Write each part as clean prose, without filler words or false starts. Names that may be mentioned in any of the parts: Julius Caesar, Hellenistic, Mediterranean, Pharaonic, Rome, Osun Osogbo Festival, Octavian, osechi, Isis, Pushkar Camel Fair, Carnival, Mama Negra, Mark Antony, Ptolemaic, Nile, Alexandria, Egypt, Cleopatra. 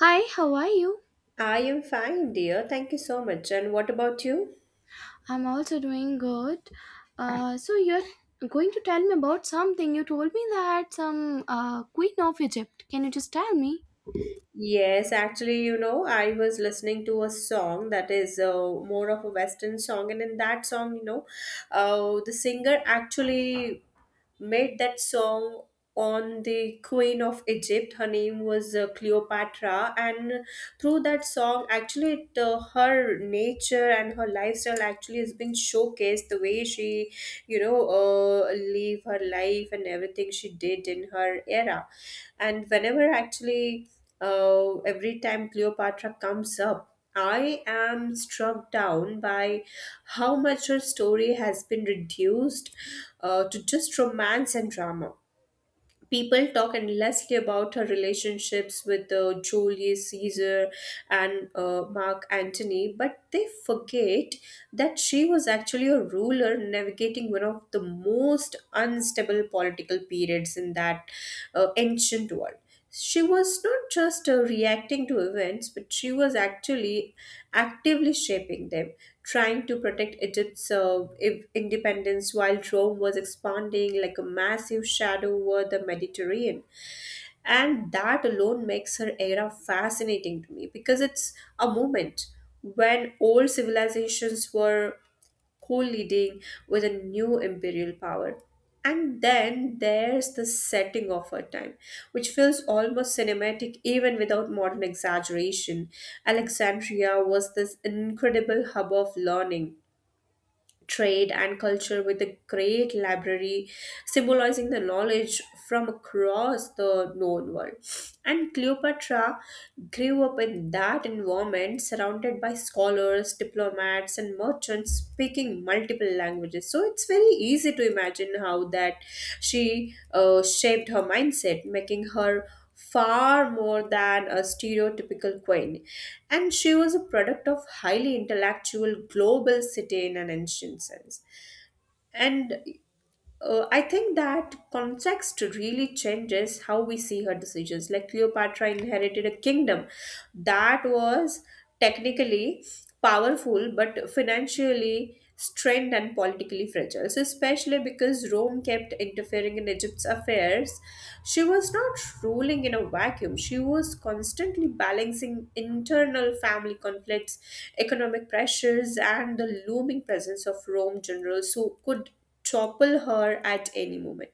Hi, how are you? I am fine, dear. Thank you so much. And what about you? I'm also doing good. So you're going to tell me about something. You told me that some Queen of Egypt. Can you just tell me? Yes, actually, you know, I was listening to a song that is more of a Western song, and in that song, you know, the singer actually made that song on the queen of Egypt. Her name was Cleopatra, and through that song actually her nature and her lifestyle actually has been showcased the way she, you know, live her life and everything she did in her era. And whenever every time Cleopatra comes up, I am struck down by how much her story has been reduced to just romance and drama. People talk endlessly about her relationships with Julius Caesar and Mark Antony, but they forget that she was actually a ruler navigating one of the most unstable political periods in that ancient world. She was not just reacting to events, but she was actually actively shaping them, trying to protect Egypt's independence while Rome was expanding like a massive shadow over the Mediterranean. And that alone makes her era fascinating to me because it's a moment when old civilizations were co-leading with a new imperial power. And then there's the setting of her time, which feels almost cinematic even without modern exaggeration. Alexandria was this incredible hub of learning, trade, and culture, with a great library symbolizing the knowledge from across the known world. And Cleopatra grew up in that environment, surrounded by scholars, diplomats, and merchants speaking multiple languages. So it's very easy to imagine how that she shaped her mindset, making her far more than a stereotypical queen, and she was a product of highly intellectual global city in an ancient sense. And I think that context really changes how we see her decisions. Like, Cleopatra inherited a kingdom that was technically powerful but financially strained and politically fragile. So, especially because Rome kept interfering in Egypt's affairs, she was not ruling in a vacuum. She was constantly balancing internal family conflicts, economic pressures, and the looming presence of Rome generals who could topple her at any moment.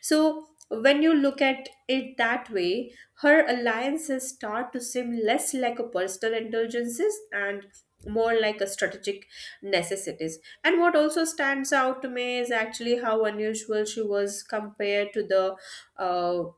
So when you look at it that way, her alliances start to seem less like a personal indulgences and more like a strategic necessities. And what also stands out to me is actually how unusual she was compared to the uh,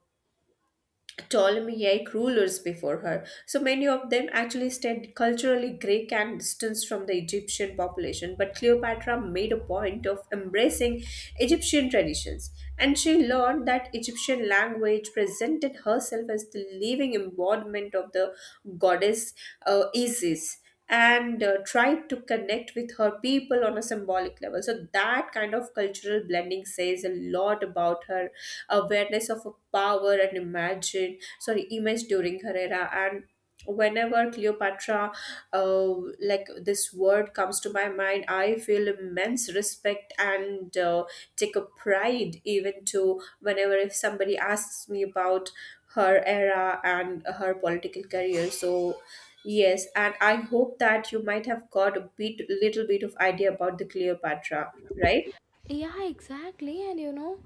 Ptolemaic rulers before her. So many of them actually stayed culturally Greek and distanced from the Egyptian population, but Cleopatra made a point of embracing Egyptian traditions. And she learned that Egyptian language, presented herself as the living embodiment of the goddess Isis, and tried to connect with her people on a symbolic level. So, that kind of cultural blending says a lot about her awareness of power and imagine, sorry, image during her era. And whenever Cleopatra, uh, like, this word comes to my mind, I feel immense respect and, take a pride even to whenever if somebody asks me about her era and her political career. So yes, and I hope that you might have got a bit little bit of idea about the Cleopatra, right? Yeah, exactly. And you know,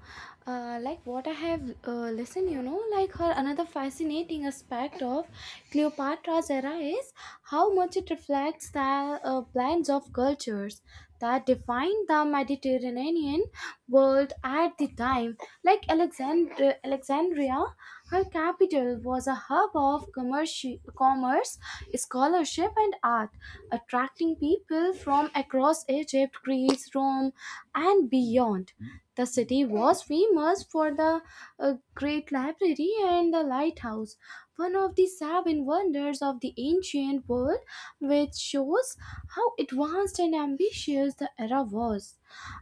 uh, like what I have listened, like her another fascinating aspect of Cleopatra's era is how much it reflects the blends of cultures that defined the Mediterranean world at the time. Like Alexandria, her capital was a hub of commerce, scholarship, and art, attracting people from across Egypt, Greece, Rome, and beyond. The city was famous for the great library and the lighthouse, one of the seven wonders of the ancient world, which shows how advanced and ambitious the era was,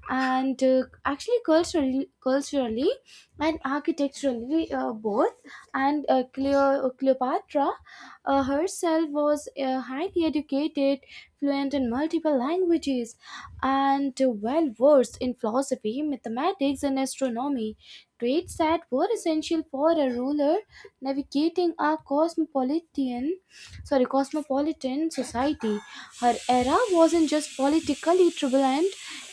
and actually culturally and architecturally both. And Cleopatra herself was highly educated, fluent in multiple languages, and well versed in philosophy, mathematics, and astronomy, traits that were essential for a ruler together navigating our cosmopolitan society. Her era wasn't just politically turbulent,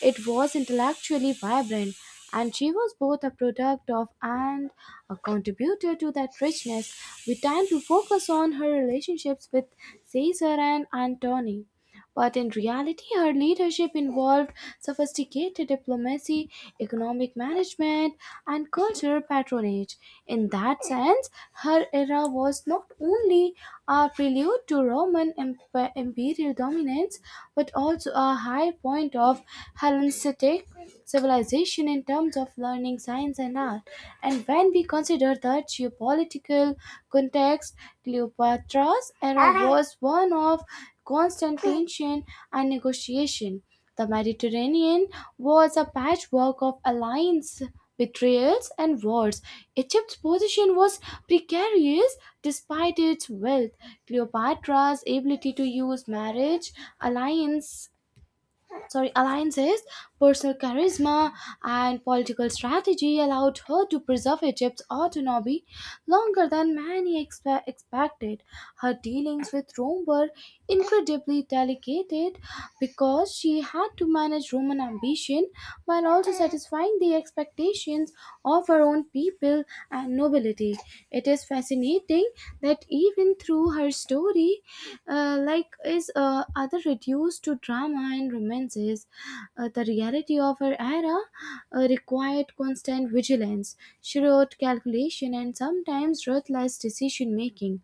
it was intellectually vibrant, and she was both a product of and a contributor to that richness. We tend to focus on her relationships with Caesar and Antony, but in reality, her leadership involved sophisticated diplomacy, economic management, and cultural patronage. In that sense, her era was not only a prelude to Roman imperial dominance, but also a high point of Hellenistic civilization in terms of learning, science, and art. And when we consider the geopolitical context, Cleopatra's era was one of constant tension and negotiation. The Mediterranean was a patchwork of alliance, betrayals, and wars. Egypt's position was precarious despite its wealth. Cleopatra's ability to use marriage, alliance, alliances, personal charisma, and political strategy allowed her to preserve Egypt's autonomy longer than many expected. Her dealings with Rome were incredibly delicate because she had to manage Roman ambition while also satisfying the expectations of her own people and nobility. It is fascinating that even through her story, like is other reduced to drama and romances, the reality of her era required constant vigilance, shrewd calculation, and sometimes ruthless decision making.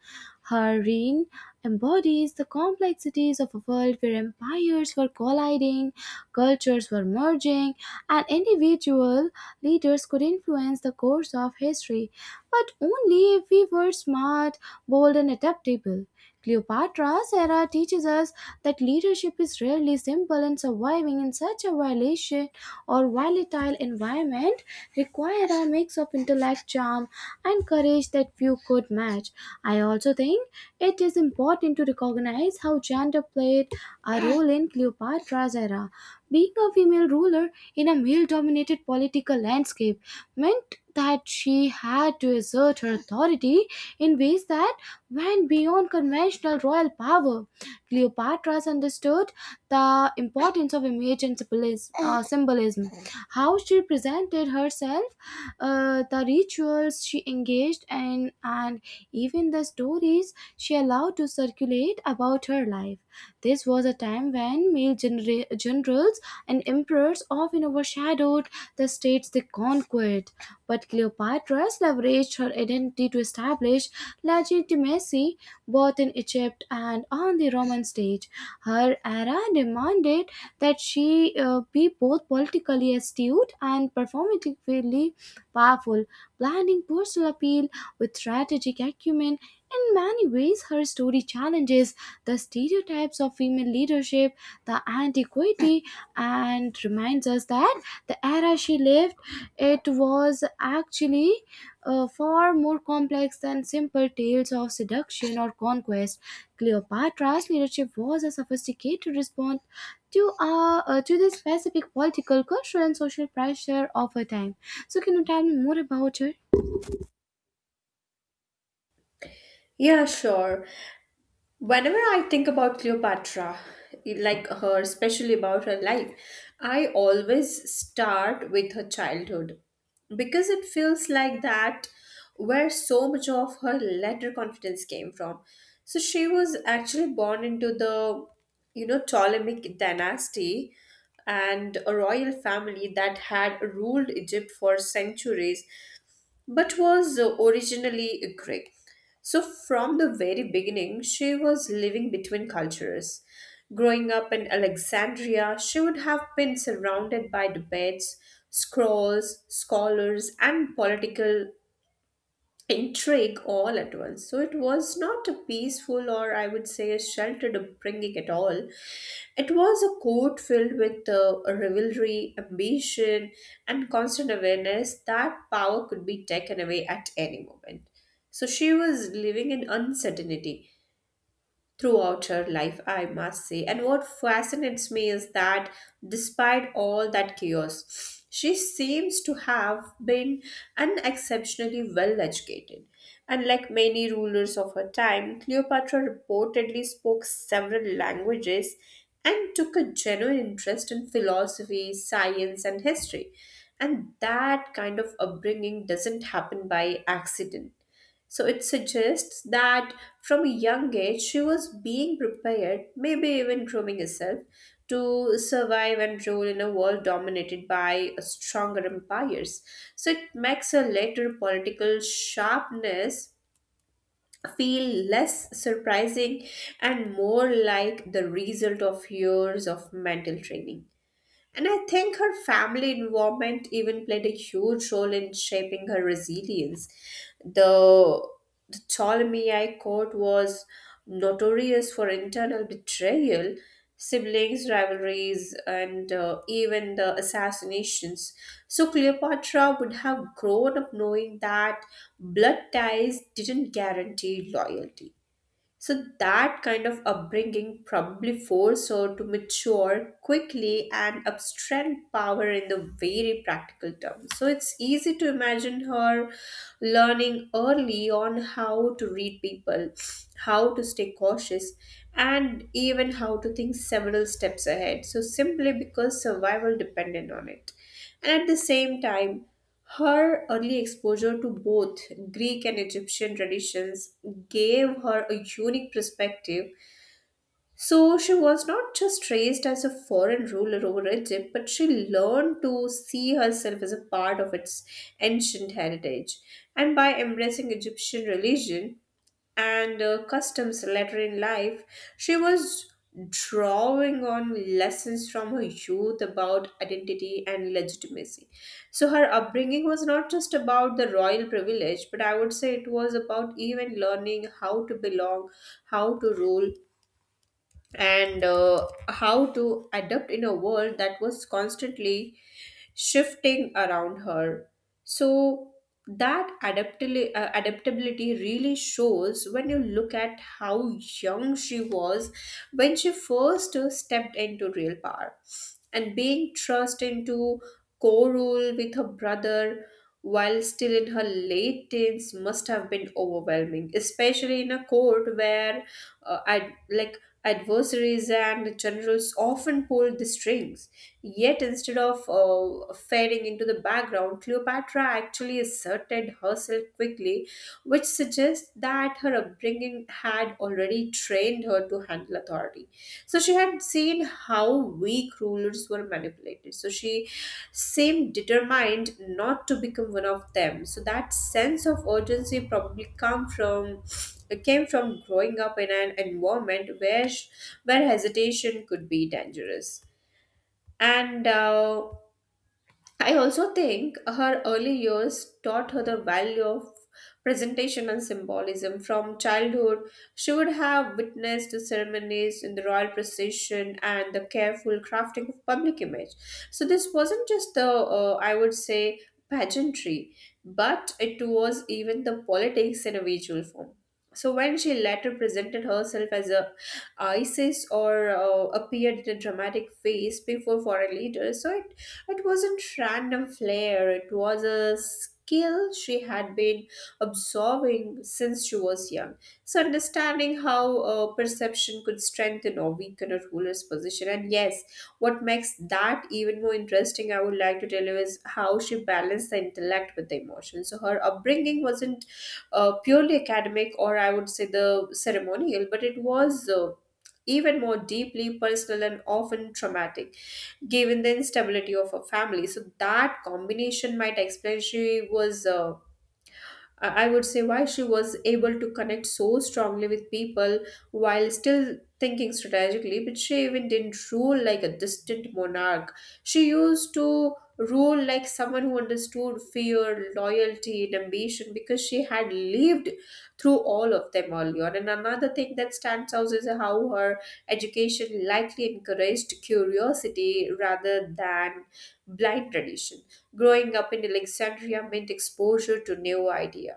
Her reign embodies the complexities of a world where empires were colliding, cultures were merging, and individual leaders could influence the course of history, but only if we were smart, bold, and adaptable. Cleopatra's era teaches us that leadership is rarely simple, and surviving in such a violation or volatile environment require a mix of intellect, charm, and courage that few could match. I also think it is important to recognize how gender played a role in Cleopatra's era. Being a female ruler in a male dominated political landscape meant that she had to assert her authority in ways that went beyond conventional royal power. Cleopatra understood the importance of image and symbolism, how she presented herself, the rituals she engaged in, and even the stories she allowed to circulate about her life. This was a time when male generals and emperors often overshadowed the states they conquered, but Cleopatra leveraged her identity to establish legitimacy both in Egypt and on the Roman stage. Her era demanded that she be both politically astute and performatively powerful, blending personal appeal with strategic acumen. In many ways, her story challenges the stereotypes of female leadership, the antiquity, and reminds us that the era she lived, it was actually far more complex than simple tales of seduction or conquest. Cleopatra's leadership was a sophisticated response to the specific political, cultural, and social pressure of her time. So, can you tell me more about her? Yeah, sure. Whenever I think about Cleopatra, like her, especially about her life, I always start with her childhood because it feels like that where so much of her later confidence came from. So she was actually born into the, you know, Ptolemaic dynasty, and a royal family that had ruled Egypt for centuries but was originally Greek. So, from the very beginning, she was living between cultures. Growing up in Alexandria, she would have been surrounded by debates, scrolls, scholars, and political intrigue all at once. So it was not a peaceful or, I would say, a sheltered upbringing at all. It was a court filled with rivalry, ambition, and constant awareness that power could be taken away at any moment. So she was living in uncertainty throughout her life, I must say. And what fascinates me is that despite all that chaos, she seems to have been unexceptionally well educated. And like many rulers of her time, Cleopatra reportedly spoke several languages and took a genuine interest in philosophy, science, and history. And that kind of upbringing doesn't happen by accident, so it suggests that from a young age she was being prepared, maybe even grooming herself, to survive and rule in a world dominated by stronger empires. So it makes her later political sharpness feel less surprising and more like the result of years of mental training. And I think her family involvement even played a huge role in shaping her resilience. The, the Ptolemaic court was notorious for internal betrayal, siblings' rivalries, and even the assassinations. So Cleopatra would have grown up knowing that blood ties didn't guarantee loyalty. So that kind of upbringing probably forced her to mature quickly and abstract power in the very practical terms. So it's easy to imagine her learning early on how to read people, how to stay cautious, and even how to think several steps ahead. So simply because survival depended on it. And at the same time, her early exposure to both Greek and Egyptian traditions gave her a unique perspective. So she was not just raised as a foreign ruler over Egypt, but she learned to see herself as a part of its ancient heritage. And by embracing Egyptian religion and customs later in life, she was drawing on lessons from her youth about identity and legitimacy. So her upbringing was not just about the royal privilege, but I would say it was about even learning how to belong, how to rule, and how to adapt in a world that was constantly shifting around her. So that adaptability really shows when you look at how young she was when she first stepped into real power. And being thrust into co-rule with her brother while still in her late teens must have been overwhelming, especially in a court where, like, adversaries and generals often pulled the strings. Yet, instead of fading into the background, Cleopatra actually asserted herself quickly, which suggests that her upbringing had already trained her to handle authority. So, she had seen how weak rulers were manipulated. So, she seem determined not to become one of them. So that sense of urgency probably come from came from growing up in an environment where hesitation could be dangerous. And I also think her early years taught her the value of presentation and symbolism. From childhood, she would have witnessed the ceremonies in the royal procession and the careful crafting of public image. So, this wasn't just the, I would say, pageantry, but it was even the politics in a visual form. So, when she later presented herself as a Isis or appeared in a dramatic face before foreign leaders, so it wasn't random flair, it was a skill she had been absorbing since she was young. So, understanding how perception could strengthen or weaken a ruler's position. And yes, what makes that even more interesting, I would like to tell you, is how she balanced the intellect with the emotion. So, her upbringing wasn't purely academic, or I would say the ceremonial, but it was. Even more deeply personal and often traumatic given the instability of a family. So that combination might explain she was I would say why she was able to connect so strongly with people while still thinking strategically, but she even didn't rule like a distant monarch. She used to rule like someone who understood fear, loyalty, and ambition because she had lived through all of them earlier. And another thing that stands out is how her education likely encouraged curiosity rather than blind tradition. Growing up in Alexandria meant exposure to new ideas,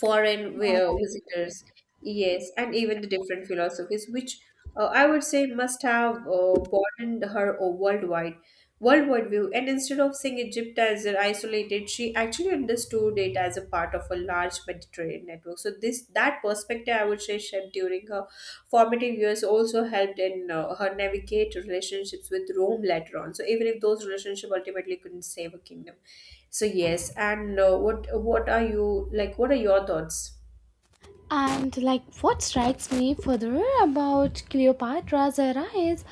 foreign visitors, yes, and even the different philosophies, which I would say must have broadened her worldwide view. And instead of seeing Egypt as an isolated, she actually understood it as a part of a large Mediterranean network. So this, that perspective, I would say, shaped during her formative years also helped in her navigate relationships with Rome later on. So even if those relationships ultimately couldn't save a kingdom, so yes, and what are you like? What are your thoughts? And like what strikes me further about Cleopatra's era is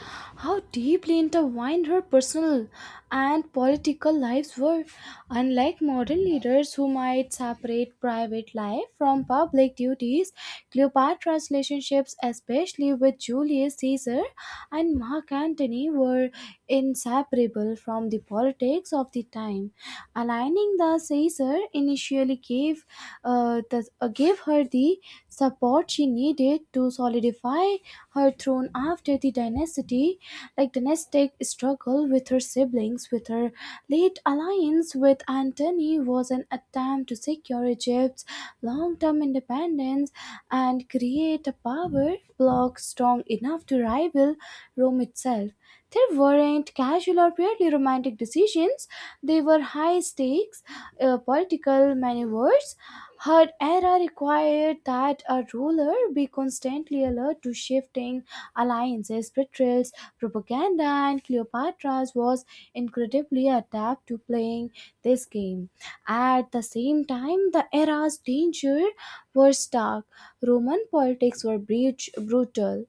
how deeply intertwined her personal and political lives were. Unlike modern leaders who might separate private life from public duties, Cleopatra's relationships, especially with Julius Caesar and Mark Antony, were inseparable from the politics of the time. Aligning the Caesar initially gave her the support she needed to solidify her throne after the dynasty, like dynastic struggle with her siblings. With her late alliance with Antony was an attempt to secure Egypt's long-term independence and create a power bloc strong enough to rival Rome itself. There weren't casual or purely romantic decisions, they were high stakes political maneuvers. Her era required that a ruler be constantly alert to shifting alliances, betrayals, propaganda, and Cleopatra's was incredibly adept to playing this game. At the same time, the era's danger were stark. Roman politics were breach, brutal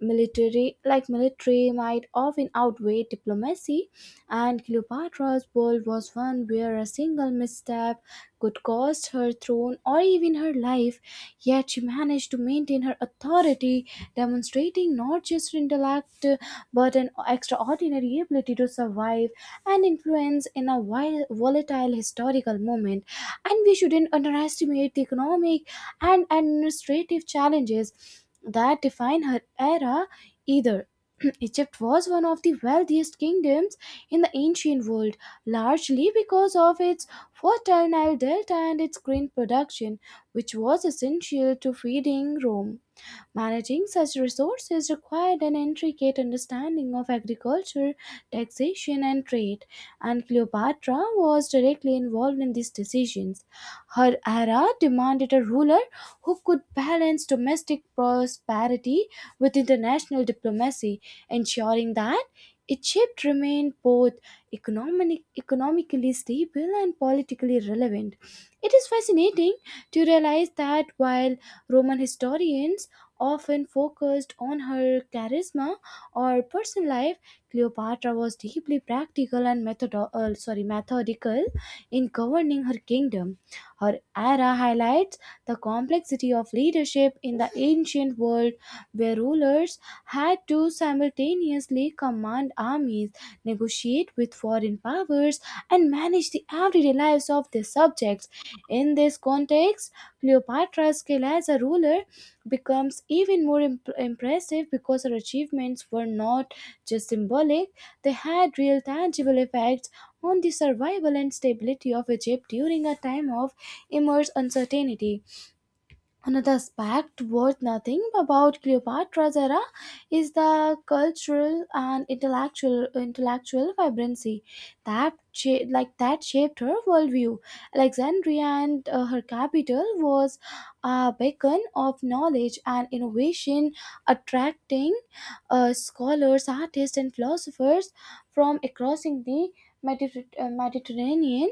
military like military might often outweigh diplomacy, and Cleopatra's world was one where a single misstep could cost her throne or even her life. Yet she managed to maintain her authority, demonstrating not just her intellect, but an extraordinary ability to survive and influence in a volatile historical moment. And we shouldn't underestimate the economic and administrative challenges that define her era either. Egypt was one of the wealthiest kingdoms in the ancient world, largely because of its fertile Nile delta and its grain production, which was essential to feeding Rome. Managing such resources required an intricate understanding of agriculture, taxation, and trade, and Cleopatra was directly involved in these decisions. Her era demanded a ruler who could balance domestic prosperity with international diplomacy, ensuring that Egypt remained both economically stable and politically relevant. It is fascinating to realize that while Roman historians often focused on her charisma or personal life, Cleopatra was deeply practical and methodical in governing her kingdom. Her era highlights the complexity of leadership in the ancient world, where rulers had to simultaneously command armies, negotiate with foreign powers, and manage the everyday lives of their subjects. In this context, Cleopatra's skill as a ruler becomes even more impressive, because her achievements were not just symbolic, they had real tangible effects on the survival and stability of Egypt during a time of immense uncertainty. Another aspect worth nothing about Cleopatra's era is the cultural and intellectual vibrancy that that shaped her worldview. Alexandria, and her capital, was a beacon of knowledge and innovation, attracting scholars, artists, and philosophers from across the Mediterranean.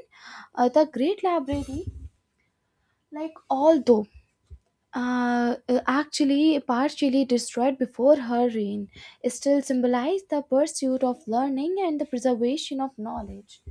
The Great Library, although actually partially destroyed before her reign, still symbolize the pursuit of learning and the preservation of knowledge.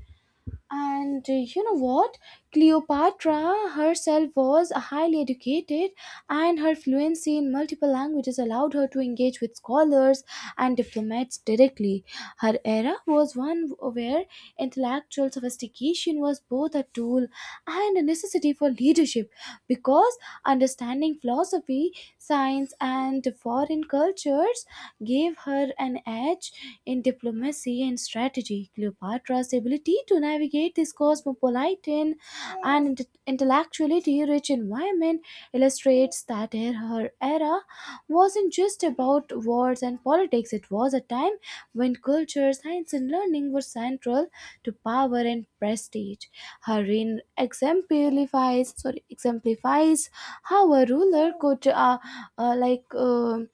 And You know what? Cleopatra herself was highly educated, and her fluency in multiple languages allowed her to engage with scholars and diplomats directly. Her era was one where intellectual sophistication was both a tool and a necessity for leadership, because understanding philosophy, science, and foreign cultures gave her an edge in diplomacy and strategy. Cleopatra's ability to navigate this cosmopolitan and intellectually rich environment illustrates that her era wasn't just about wars and politics, it was a time when culture, science, and learning were central to power and prestige. Her reign exemplifies how a ruler could uh, like, um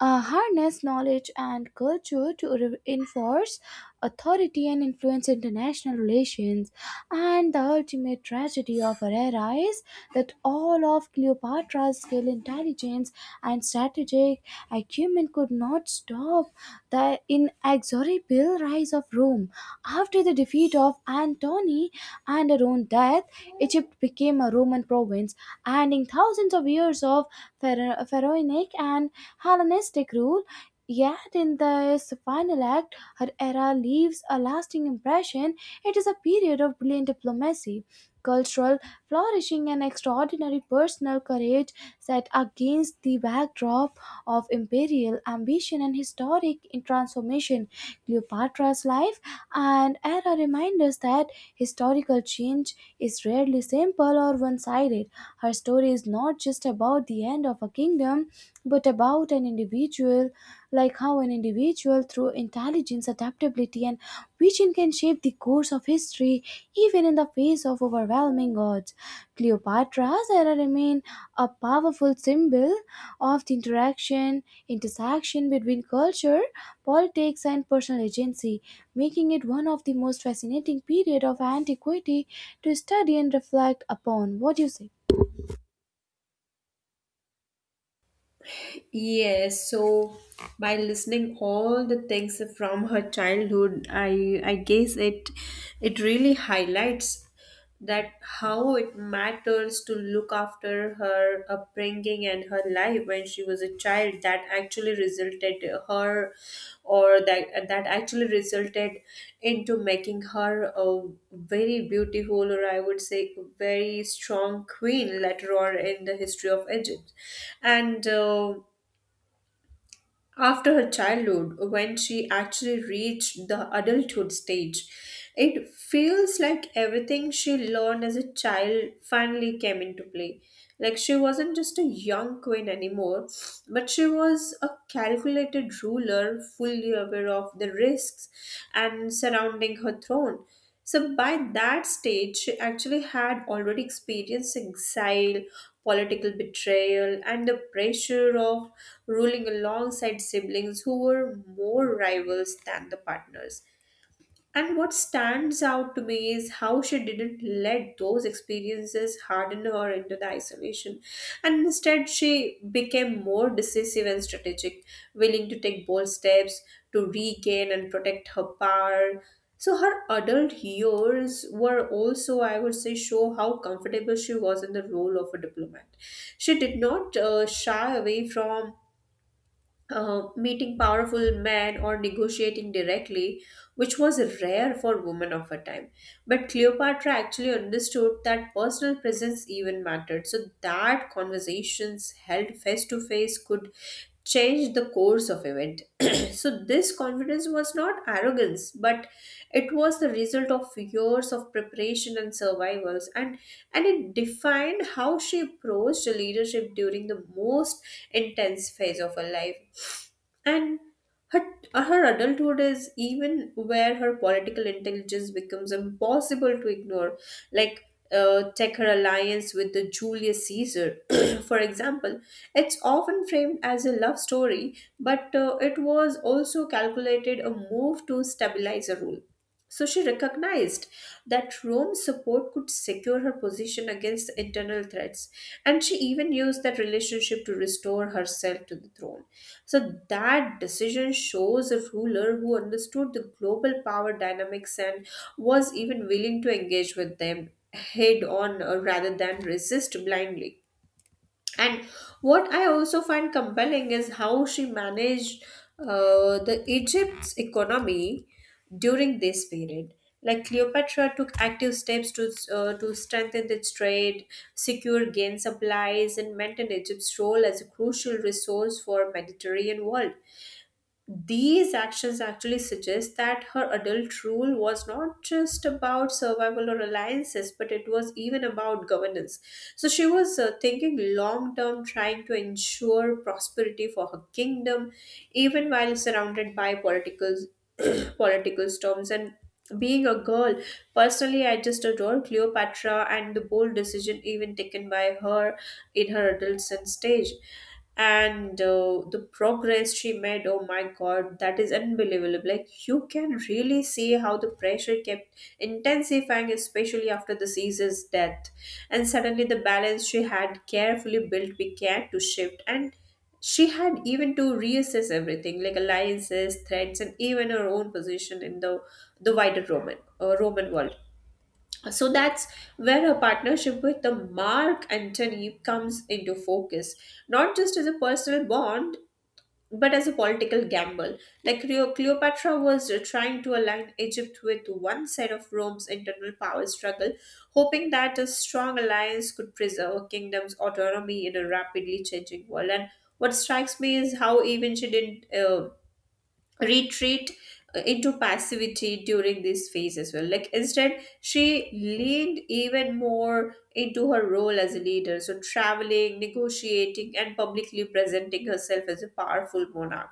harness knowledge and culture to enforce authority and influence international relations. And the ultimate tragedy of her era is that all of Cleopatra's skill, intelligence, and strategic acumen could not stop the inexorable rise of Rome. After the defeat of Antony and her own death, Egypt became a Roman province, ending thousands of years of pharaonic and Hellenistic rule. Yet in this final act, her era leaves a lasting impression. It is a period of brilliant diplomacy, cultural flourishing, and extraordinary personal courage, set against the backdrop of imperial ambition and historic transformation. Cleopatra's life and era remind us that historical change is rarely simple or one sided. Her story is not just about the end of a kingdom, but about an individual like how an individual, through intelligence, adaptability, and vision, can shape the course of history even in the face of overwhelming odds. Cleopatra's era remains a powerful symbol of intersection between culture, politics, and personal agency, making it one of the most fascinating periods of antiquity to study and reflect upon. What do you say? Yes, so by listening all the things from her childhood, I guess it really highlights that how it matters to look after her upbringing and her life when she was a child that actually resulted her or that actually resulted into making her a very beautiful or I would say very strong queen later on in the history of Egypt and after her childhood, when she actually reached the adulthood stage, it feels like everything she learned as a child finally came into play. Like she wasn't just a young queen anymore, but she was a calculated ruler, fully aware of the risks and surrounding her throne. So by that stage, she actually had already experienced exile, political betrayal, and the pressure of ruling alongside siblings who were more rivals than the partners. And what stands out to me is how she didn't let those experiences harden her into the isolation. And instead, she became more decisive and strategic, willing to take bold steps to regain and protect her power. So, her adult years were also, I would say, show how comfortable she was in the role of a diplomat. She did not shy away from meeting powerful men or negotiating directly, which was rare for women of her time. But Cleopatra actually understood that personal presence even mattered, so that conversations held face to face could change the course of event. So this confidence was not arrogance, but it was the result of years of preparation and survivals, and it defined how she approached leadership during the most intense phase of her life. And her, her adulthood is even where her political intelligence becomes impossible to ignore. Like, Take her alliance with the Julius Caesar, for example, it's often framed as a love story, but it was also calculated a move to stabilize a rule. So she recognized that Rome's support could secure her position against internal threats, and she even used that relationship to restore herself to the throne. So that decision shows a ruler who understood the global power dynamics and was even willing to engage with them head on rather than resist blindly. And what I also find compelling is how she managed the Egypt's economy during this period. Like Cleopatra took active steps to to strengthen its trade, secure gain supplies, and maintain Egypt's role as a crucial resource for Mediterranean world. These actions actually suggest that her adult rule was not just about survival or alliances, but it was even about governance. So she was thinking long term, trying to ensure prosperity for her kingdom, even while surrounded by political political storms. And being a girl, personally, I just adore Cleopatra and the bold decision even taken by her in her adolescent stage and the progress she made, oh my god, that is unbelievable. Like you can really see how the pressure kept intensifying, especially after the Caesar's death, and suddenly the balance she had carefully built began to shift, and she had even to reassess everything, like alliances, threats, and even her own position in the wider Roman Roman world. So that's where a partnership with the Mark Antony comes into focus, not just as a personal bond, but as a political gamble. Like Cleopatra was trying to align Egypt with one side of Rome's internal power struggle, hoping that a strong alliance could preserve a kingdom's autonomy in a rapidly changing world. And what strikes me is how even she didn't retreat into passivity during this phase as well. Like instead, she leaned even more into her role as a leader. So traveling, negotiating, and publicly presenting herself as a powerful monarch.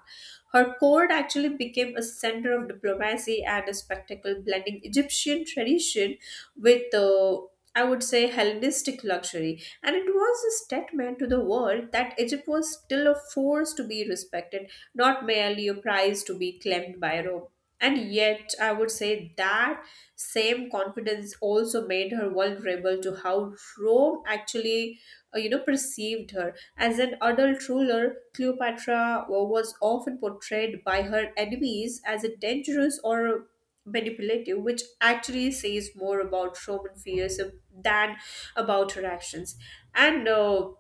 Her court actually became a center of diplomacy and a spectacle, blending Egyptian tradition with I would say Hellenistic luxury, and it was a statement to the world that Egypt was still a force to be respected, not merely a prize to be claimed by Rome. And yet, I would say that same confidence also made her vulnerable to how Rome actually, perceived her. As an adult ruler, Cleopatra was often portrayed by her enemies as a dangerous or manipulative, which actually says more about Roman fears than about her actions. And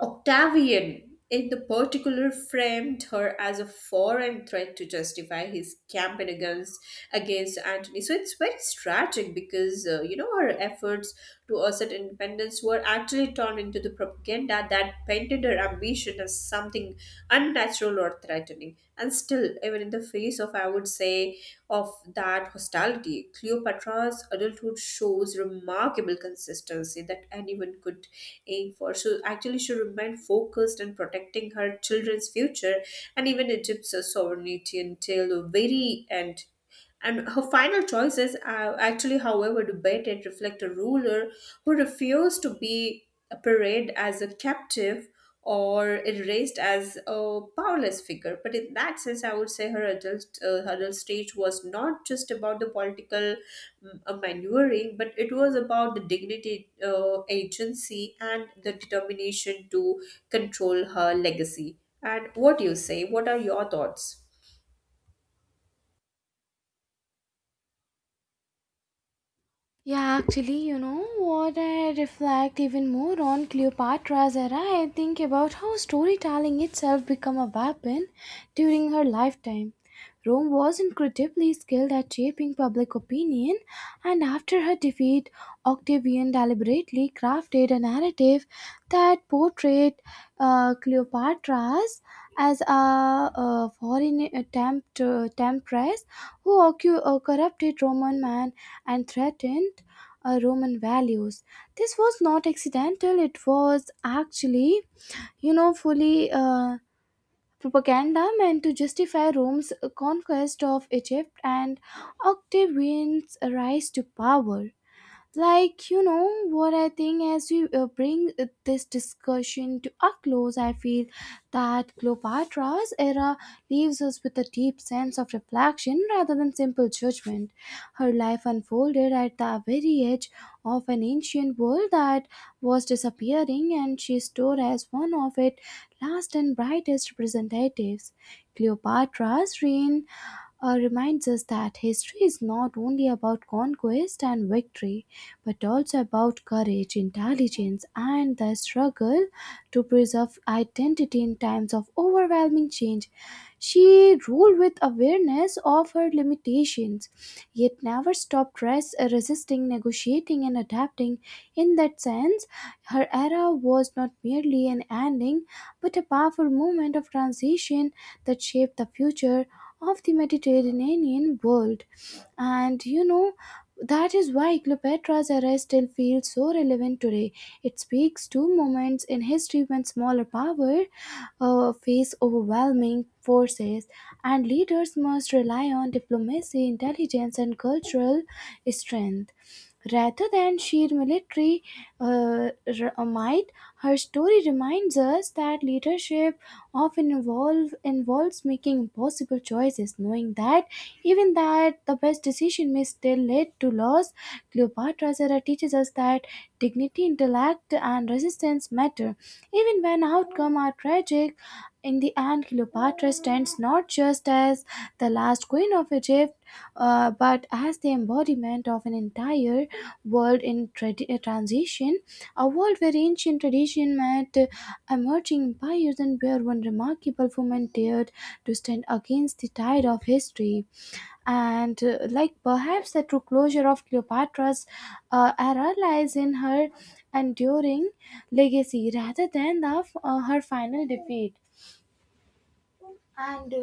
Octavian, in the particular, framed her as a foreign threat to justify his campaign against Antony. So it's very tragic because her efforts to assert independence were actually turned into the propaganda that painted her ambition as something unnatural or threatening. And still, even in the face of, I would say, of that hostility, Cleopatra's adulthood shows remarkable consistency that anyone could aim for. So actually, she remained focused on protecting her children's future and even Egypt's sovereignty until the very end. And her final choices are actually, however, debated, reflect a ruler who refused to be paraded as a captive or erased as a powerless figure. But in that sense, I would say her her adult stage was not just about the political maneuvering, but it was about the dignity, agency, and the determination to control her legacy. And what do you say? What are your thoughts? Yeah, actually, you know what, I reflect even more on Cleopatra's era. I think about how storytelling itself became a weapon during her lifetime. Rome was incredibly skilled at shaping public opinion, and after her defeat, Octavian deliberately crafted a narrative that portrayed Cleopatra's as a foreign temptress who corrupted Roman man and threatened Roman values. This was not accidental, it was actually, fully propaganda meant to justify Rome's conquest of Egypt and Octavian's rise to power. Like, you know what, I think as we bring this discussion to a close, I feel that Cleopatra's era leaves us with a deep sense of reflection rather than simple judgment. Her life unfolded at the very edge of an ancient world that was disappearing, and she stood as one of its last and brightest representatives. Cleopatra's reign reminds us that history is not only about conquest and victory, but also about courage, intelligence, and the struggle to preserve identity in times of overwhelming change. She ruled with awareness of her limitations, yet never stopped resisting, negotiating, and adapting. In that sense, her era was not merely an ending, but a powerful moment of transition that shaped the future of the Mediterranean world. And you know, that is why Cleopatra's arrest still feels so relevant today. It speaks to moments in history when smaller power face overwhelming forces, and leaders must rely on diplomacy, intelligence, and cultural strength, rather than sheer military might. Her story reminds us that leadership often involves making impossible choices, knowing that even that the best decision may still lead to loss. Cleopatra's era teaches us that dignity, intellect, and resistance matter, even when outcomes are tragic in the end. Cleopatra stands not just as the last queen of Egypt, but as the embodiment of an entire world in transition, a world where ancient tradition met emerging empires, and where one remarkable woman dared to stand against the tide of history. And like Perhaps the true closure of Cleopatra's era lies in her enduring legacy rather than her final defeat. and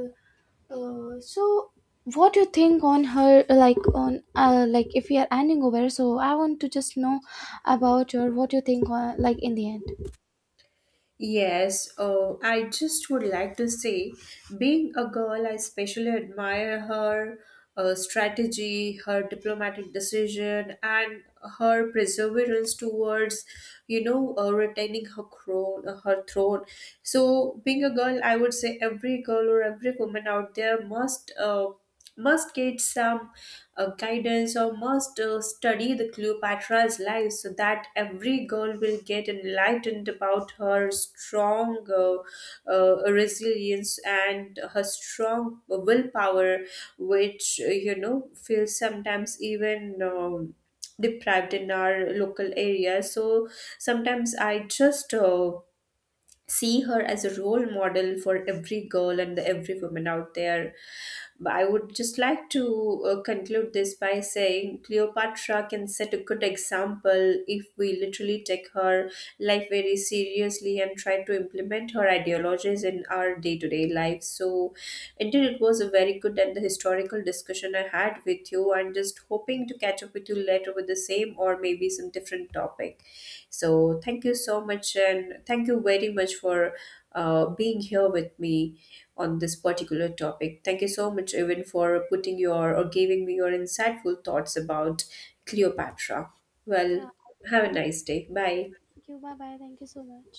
uh, uh, so what do you think on her, like on if we are ending over? So I want to just know about your what you think on, like in the end. Yes, oh, I just would like to say, being a girl, I especially admire her strategy, her diplomatic decision, and her perseverance towards, retaining her crown, her throne. So, being a girl, I would say every girl or every woman out there must. Must get some guidance or must study the Cleopatra's life so that every girl will get enlightened about her strong resilience and her strong willpower, which feels sometimes even. Deprived in our local area. So sometimes I just see her as a role model for every girl and every woman out there, but I would just like to conclude this by saying Cleopatra can set a good example if we literally take her life very seriously and try to implement her ideologies in our day to day life. So, indeed, it was a very good and the historical discussion I had with you. I'm just hoping to catch up with you later with the same or maybe some different topic. So, thank you so much and thank you very much for being here with me on this particular topic. Thank you so much, even for putting your or giving me your insightful thoughts about Cleopatra. Well, Yeah, have a nice day. Bye. thank you, bye bye, thank you so much.